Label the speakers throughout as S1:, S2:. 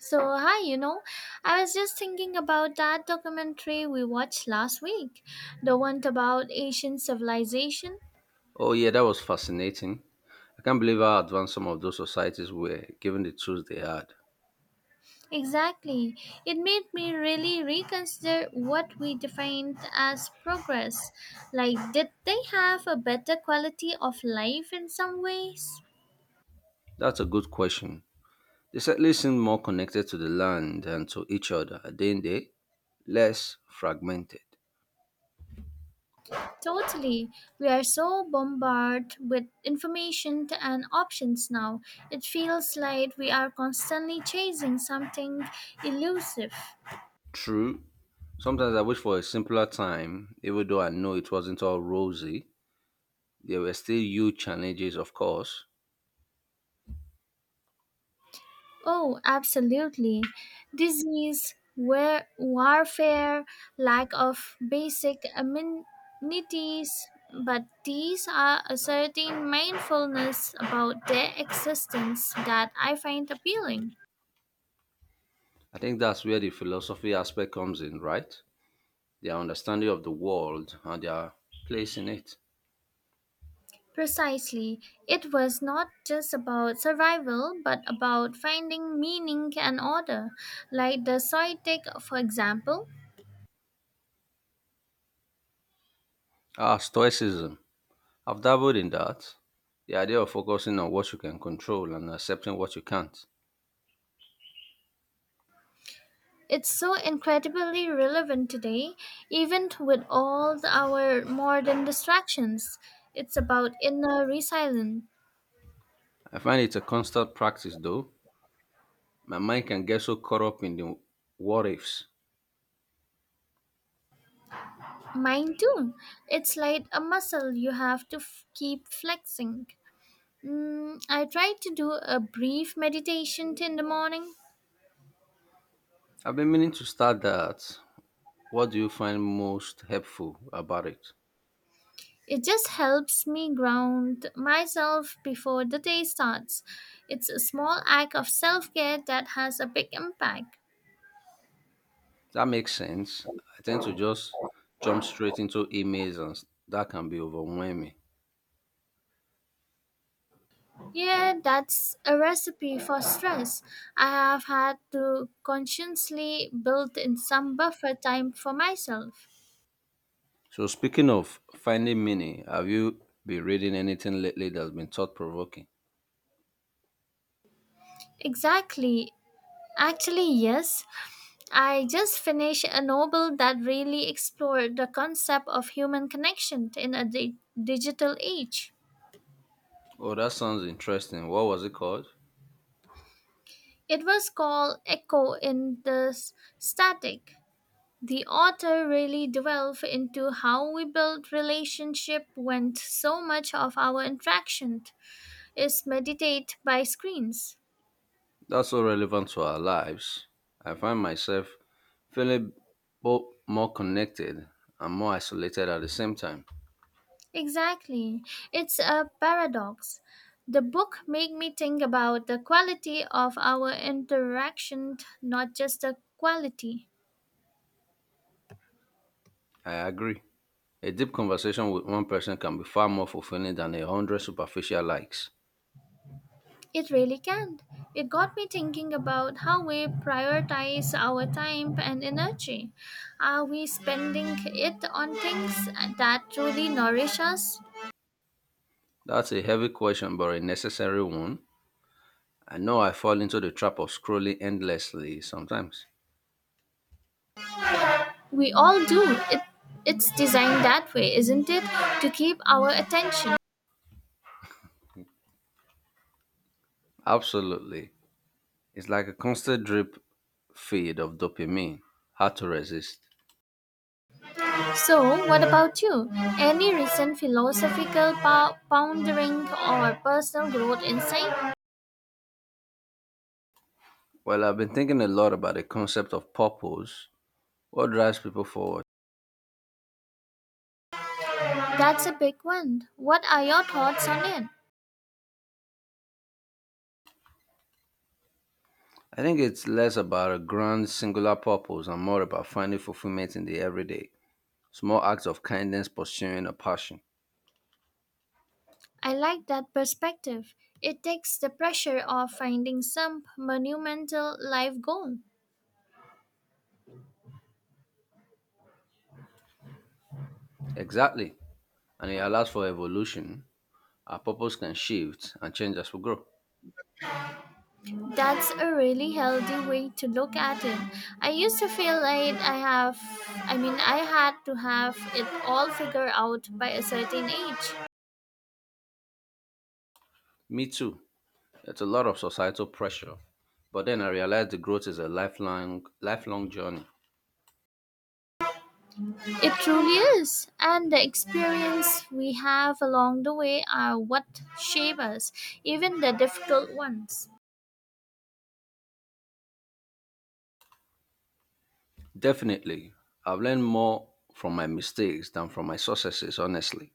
S1: So, hi, I was just thinking about that documentary we watched last week, the one about Asian civilization.
S2: Oh, yeah, that was fascinating. I can't believe how advanced some of those societies were, given the tools they had.
S1: Exactly. It made me really reconsider what we defined as progress. Like, did they have a better quality of life in some ways?
S2: That's a good question. They certainly seem more connected to the land and to each other, didn't they? Less fragmented.
S1: Totally. We are so bombarded with information and options now. It feels like we are constantly chasing something elusive.
S2: True. Sometimes I wish for a simpler time, even though I know it wasn't all rosy. There were still huge challenges, of course.
S1: Oh, absolutely. Disease, warfare, lack of basic amenities, but these are a certain mindfulness about their existence that I find appealing.
S2: I think that's where the philosophy aspect comes in, right? Their understanding of the world and their place in it.
S1: Precisely, it was not just about survival, but about finding meaning and order, like the Soitic, for example.
S2: Ah, Stoicism. I've dabbled in that. The idea of focusing on what you can control and accepting what you can't.
S1: It's so incredibly relevant today, even with all our modern distractions. It's about inner resilience.
S2: I find it's a constant practice though. My mind can get so caught up in the what ifs.
S1: Mine too. It's like a muscle you have to keep flexing. I try to do a brief meditation in the morning.
S2: I've been meaning to start that. What do you find most helpful about it?
S1: It just helps me ground myself before the day starts. It's a small act of self care that has a big impact.
S2: That makes sense. I tend to just jump straight into emails and that can be overwhelming.
S1: Yeah, that's a recipe for stress. I have had to consciously build in some buffer time for myself.
S2: So speaking of finding meaning, have you been reading anything lately that's been thought provoking?
S1: Exactly. Actually, yes. I just finished a novel that really explored the concept of human connection in a digital age.
S2: Oh, that sounds interesting. What was it called?
S1: It was called Echo in the Static. The author really delved into how we build relationship when so much of our interaction is meditate by screens.
S2: That's so relevant to our lives. I find myself feeling both more connected and more isolated at the same time.
S1: Exactly. It's a paradox. The book made me think about the quality of our interaction, not just the quality.
S2: I agree. A deep conversation with one person can be far more fulfilling than 100 superficial likes.
S1: It really can. It got me thinking about how we prioritize our time and energy. Are we spending it on things that truly nourish us?
S2: That's a heavy question, but a necessary one. I know I fall into the trap of scrolling endlessly sometimes.
S1: We all do. It, it's designed that way, isn't it? To keep our attention.
S2: Absolutely. It's like a constant drip feed of dopamine. Hard to resist.
S1: So, what about you? Any recent philosophical pondering or personal growth insight?
S2: Well, I've been thinking a lot about the concept of purpose. What drives people forward?
S1: That's a big one. What are your thoughts on it?
S2: I think it's less about a grand singular purpose and more about finding fulfillment in the everyday. Small acts of kindness pursuing a passion.
S1: I like that perspective. It takes the pressure off finding some monumental life goal.
S2: Exactly. And it allows for evolution. Our purpose can shift and change as we grow.
S1: That's a really healthy way to look at it. I used to feel like I mean, I had to have it all figured out by a certain age.
S2: Me too. It's a lot of societal pressure. But then I realized the growth is a lifelong journey.
S1: It truly is. And the experience we have along the way are what shape us, even the difficult ones.
S2: Definitely. I've learned more from my mistakes than from my successes, honestly.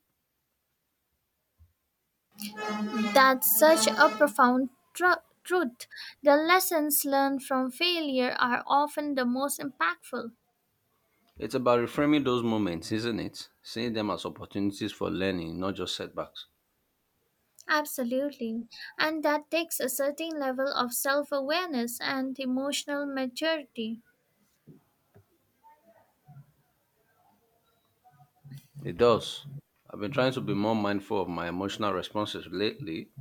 S1: That's such a profound truth. The lessons learned from failure are often the most impactful.
S2: It's about reframing those moments, isn't it? Seeing them as opportunities for learning, not just setbacks.
S1: Absolutely. And that takes a certain level of self awareness and emotional maturity.
S2: It does. I've been trying to be more mindful of my emotional responses lately,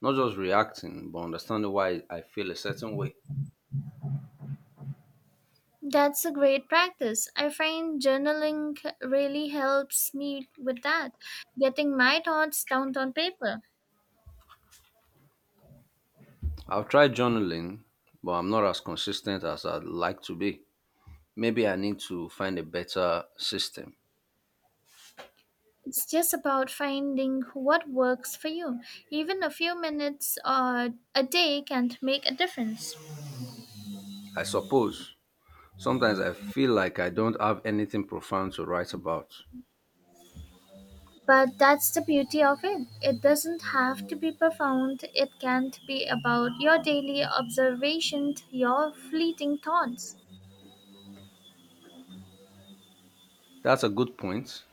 S2: not just reacting, but understanding why I feel a certain way.
S1: That's a great practice. I find journaling really helps me with that, getting my thoughts down on paper.
S2: I've tried journaling, but I'm not as consistent as I'd like to be. Maybe I need to find a better system.
S1: It's just about finding what works for you. Even a few minutes or a day can make a difference.
S2: I suppose. Sometimes I feel like I don't have anything profound to write about.
S1: But that's the beauty of it. It doesn't have to be profound. It can be about your daily observations, your fleeting thoughts.
S2: That's a good point.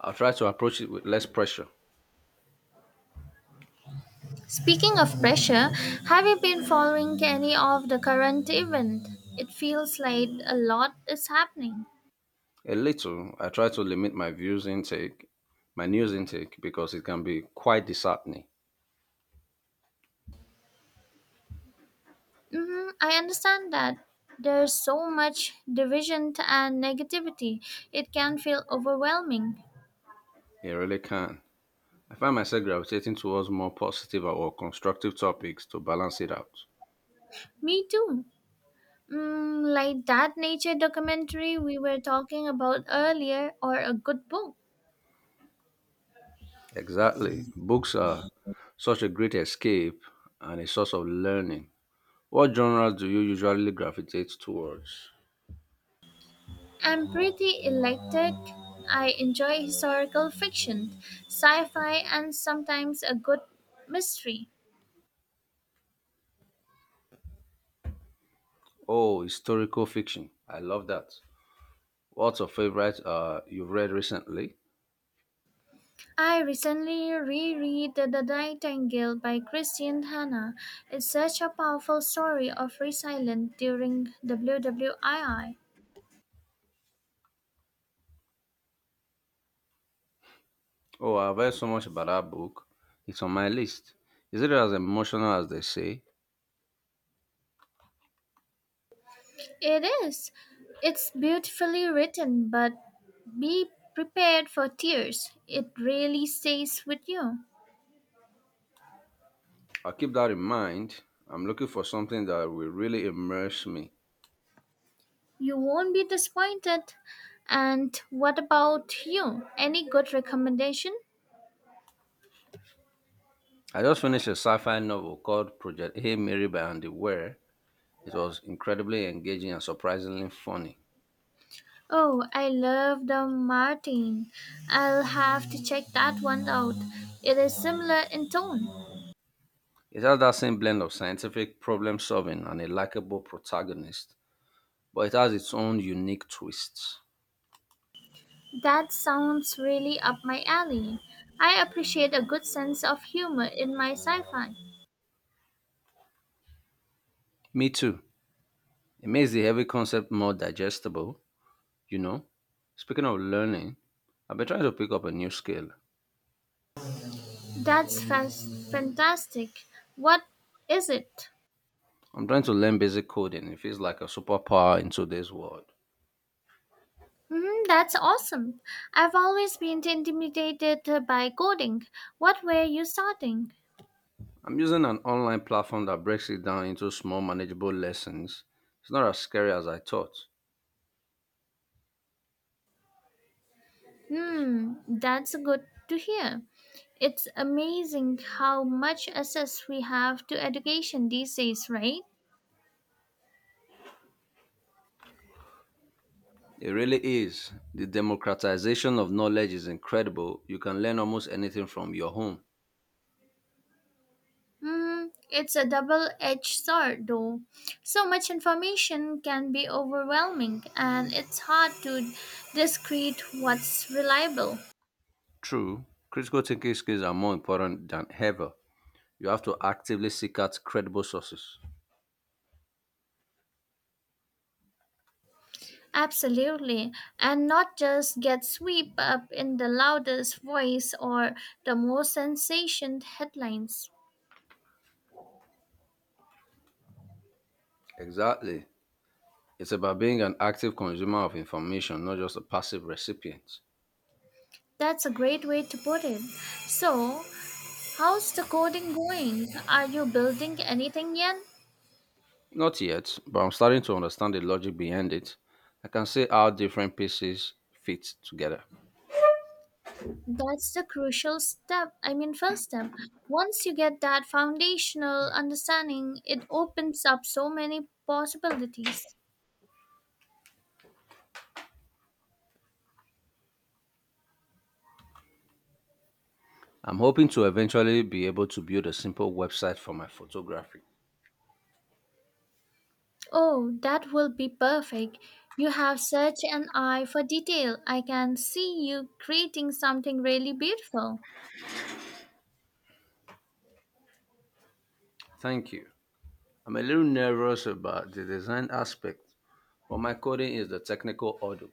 S2: I'll try to approach it with less pressure.
S1: Speaking of pressure, have you been following any of the current event? It feels like a lot is happening.
S2: A little. I try to limit my news intake, because it can be quite disheartening.
S1: I understand that there's so much division and negativity. It can feel overwhelming.
S2: It really can. I find myself gravitating towards more positive or constructive topics to balance it out.
S1: Me too. Like that nature documentary we were talking about earlier, or a good book.
S2: Exactly. Books are such a great escape and a source of learning. What genres do you usually gravitate towards?
S1: I'm pretty eclectic. I enjoy historical fiction, sci fi, and sometimes a good mystery.
S2: Oh, historical fiction. I love that. What's your favorite you've read recently?
S1: I recently reread The Nightingale by Christian Hanna. It's such a powerful story of resilience during WWII.
S2: Oh, I've heard so much about that book. It's on my list. Is it as emotional as they say?
S1: It is. It's beautifully written, but be prepared for tears. It really stays with you.
S2: I'll keep that in mind. I'm looking for something that will really immerse me.
S1: You won't be disappointed. And what about you? Any good recommendation?
S2: I just finished a sci fi novel called Project Hey Mary by Andy Weir. It was incredibly engaging and surprisingly funny.
S1: Oh, I love the Martin. I'll have to check that one out. It is similar in tone.
S2: It has that same blend of scientific problem solving and a likable protagonist, but it has its own unique twists.
S1: That sounds really up my alley. I appreciate a good sense of humor in my sci fi.
S2: Me too. It makes the heavy concept more digestible. You know, speaking of learning, I've been trying to pick up a new skill.
S1: That's fantastic. What is it?
S2: I'm trying to learn basic coding. It feels like a superpower in today's world.
S1: That's awesome. I've always been intimidated by coding. What were you starting?
S2: I'm using an online platform that breaks it down into small, manageable lessons. It's not as scary as I thought.
S1: That's good to hear. It's amazing how much access we have to education these days, right?
S2: It really is. The democratization of knowledge is incredible. You can learn almost anything from your home.
S1: It's a double edged sword, though. So much information can be overwhelming, and it's hard to discrete what's reliable.
S2: True, critical thinking skills are more important than ever. You have to actively seek out credible sources.
S1: Absolutely, and not just get swept up in the loudest voice or the most sensation headlines.
S2: Exactly. It's about being an active consumer of information, not just a passive recipient.
S1: That's a great way to put it. So, how's the coding going? Are you building anything yet?
S2: Not yet, but I'm starting to understand the logic behind it. I can see how different pieces fit together.
S1: That's the crucial step. I mean, first step. Once you get that foundational understanding, it opens up so many possibilities.
S2: I'm hoping to eventually be able to build a simple website for my photography.
S1: Oh, that will be perfect. You have such an eye for detail. I can see you creating something really beautiful.
S2: Thank you. I'm a little nervous about the design aspect, but my coding is the technical hurdle.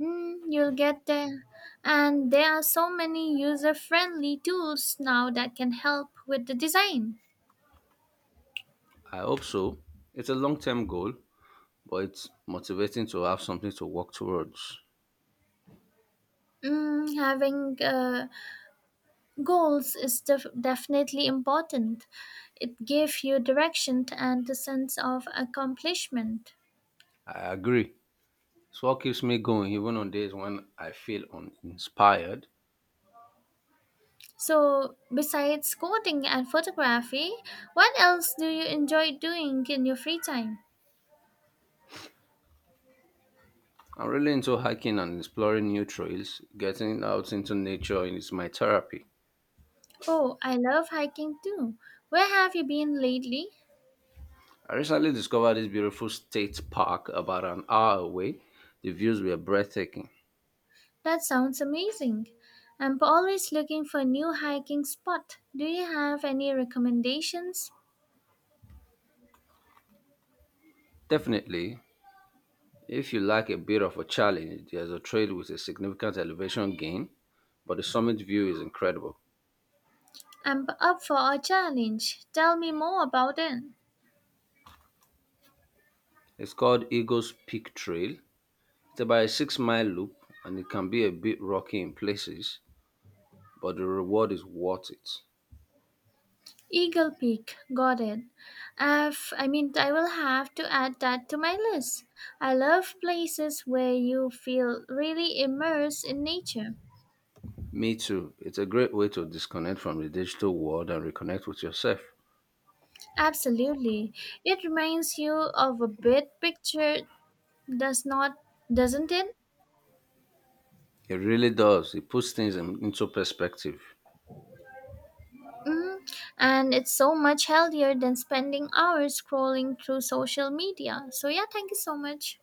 S1: You'll get there. And there are so many user friendly tools now that can help with the design.
S2: I hope so. It's a long term goal, but it's motivating to have something to work towards.
S1: Having goals is definitely important. It gives you direction and a sense of accomplishment.
S2: I agree. It's what keeps me going even on days when I feel uninspired.
S1: So, besides coding and photography, what else do you enjoy doing in your free time?
S2: I'm really into hiking and exploring new trails. Getting out into nature is my therapy.
S1: Oh, I love hiking too. Where have you been lately?
S2: I recently discovered this beautiful state park about an hour away. The views were breathtaking.
S1: That sounds amazing. I'm always looking for new hiking spot. Do you have any recommendations?
S2: Definitely, if you like a bit of a challenge, there's a trail with a significant elevation gain, but the summit view is incredible.
S1: I'm up for a challenge. Tell me more about it.
S2: It's called Eagles Peak Trail. It's about a 6 mile loop and it can be a bit rocky in places, but the reward is worth it.
S1: Eagle Peak, got it. I mean, I will have to add that to my list. I love places where you feel really immersed in nature.
S2: Me too. It's a great way to disconnect from the digital world and reconnect with yourself.
S1: Absolutely, it reminds you of a big picture, does not, doesn't it?
S2: It really does. It puts things into perspective.
S1: Mm. And it's so much healthier than spending hours scrolling through social media. So yeah, thank you so much.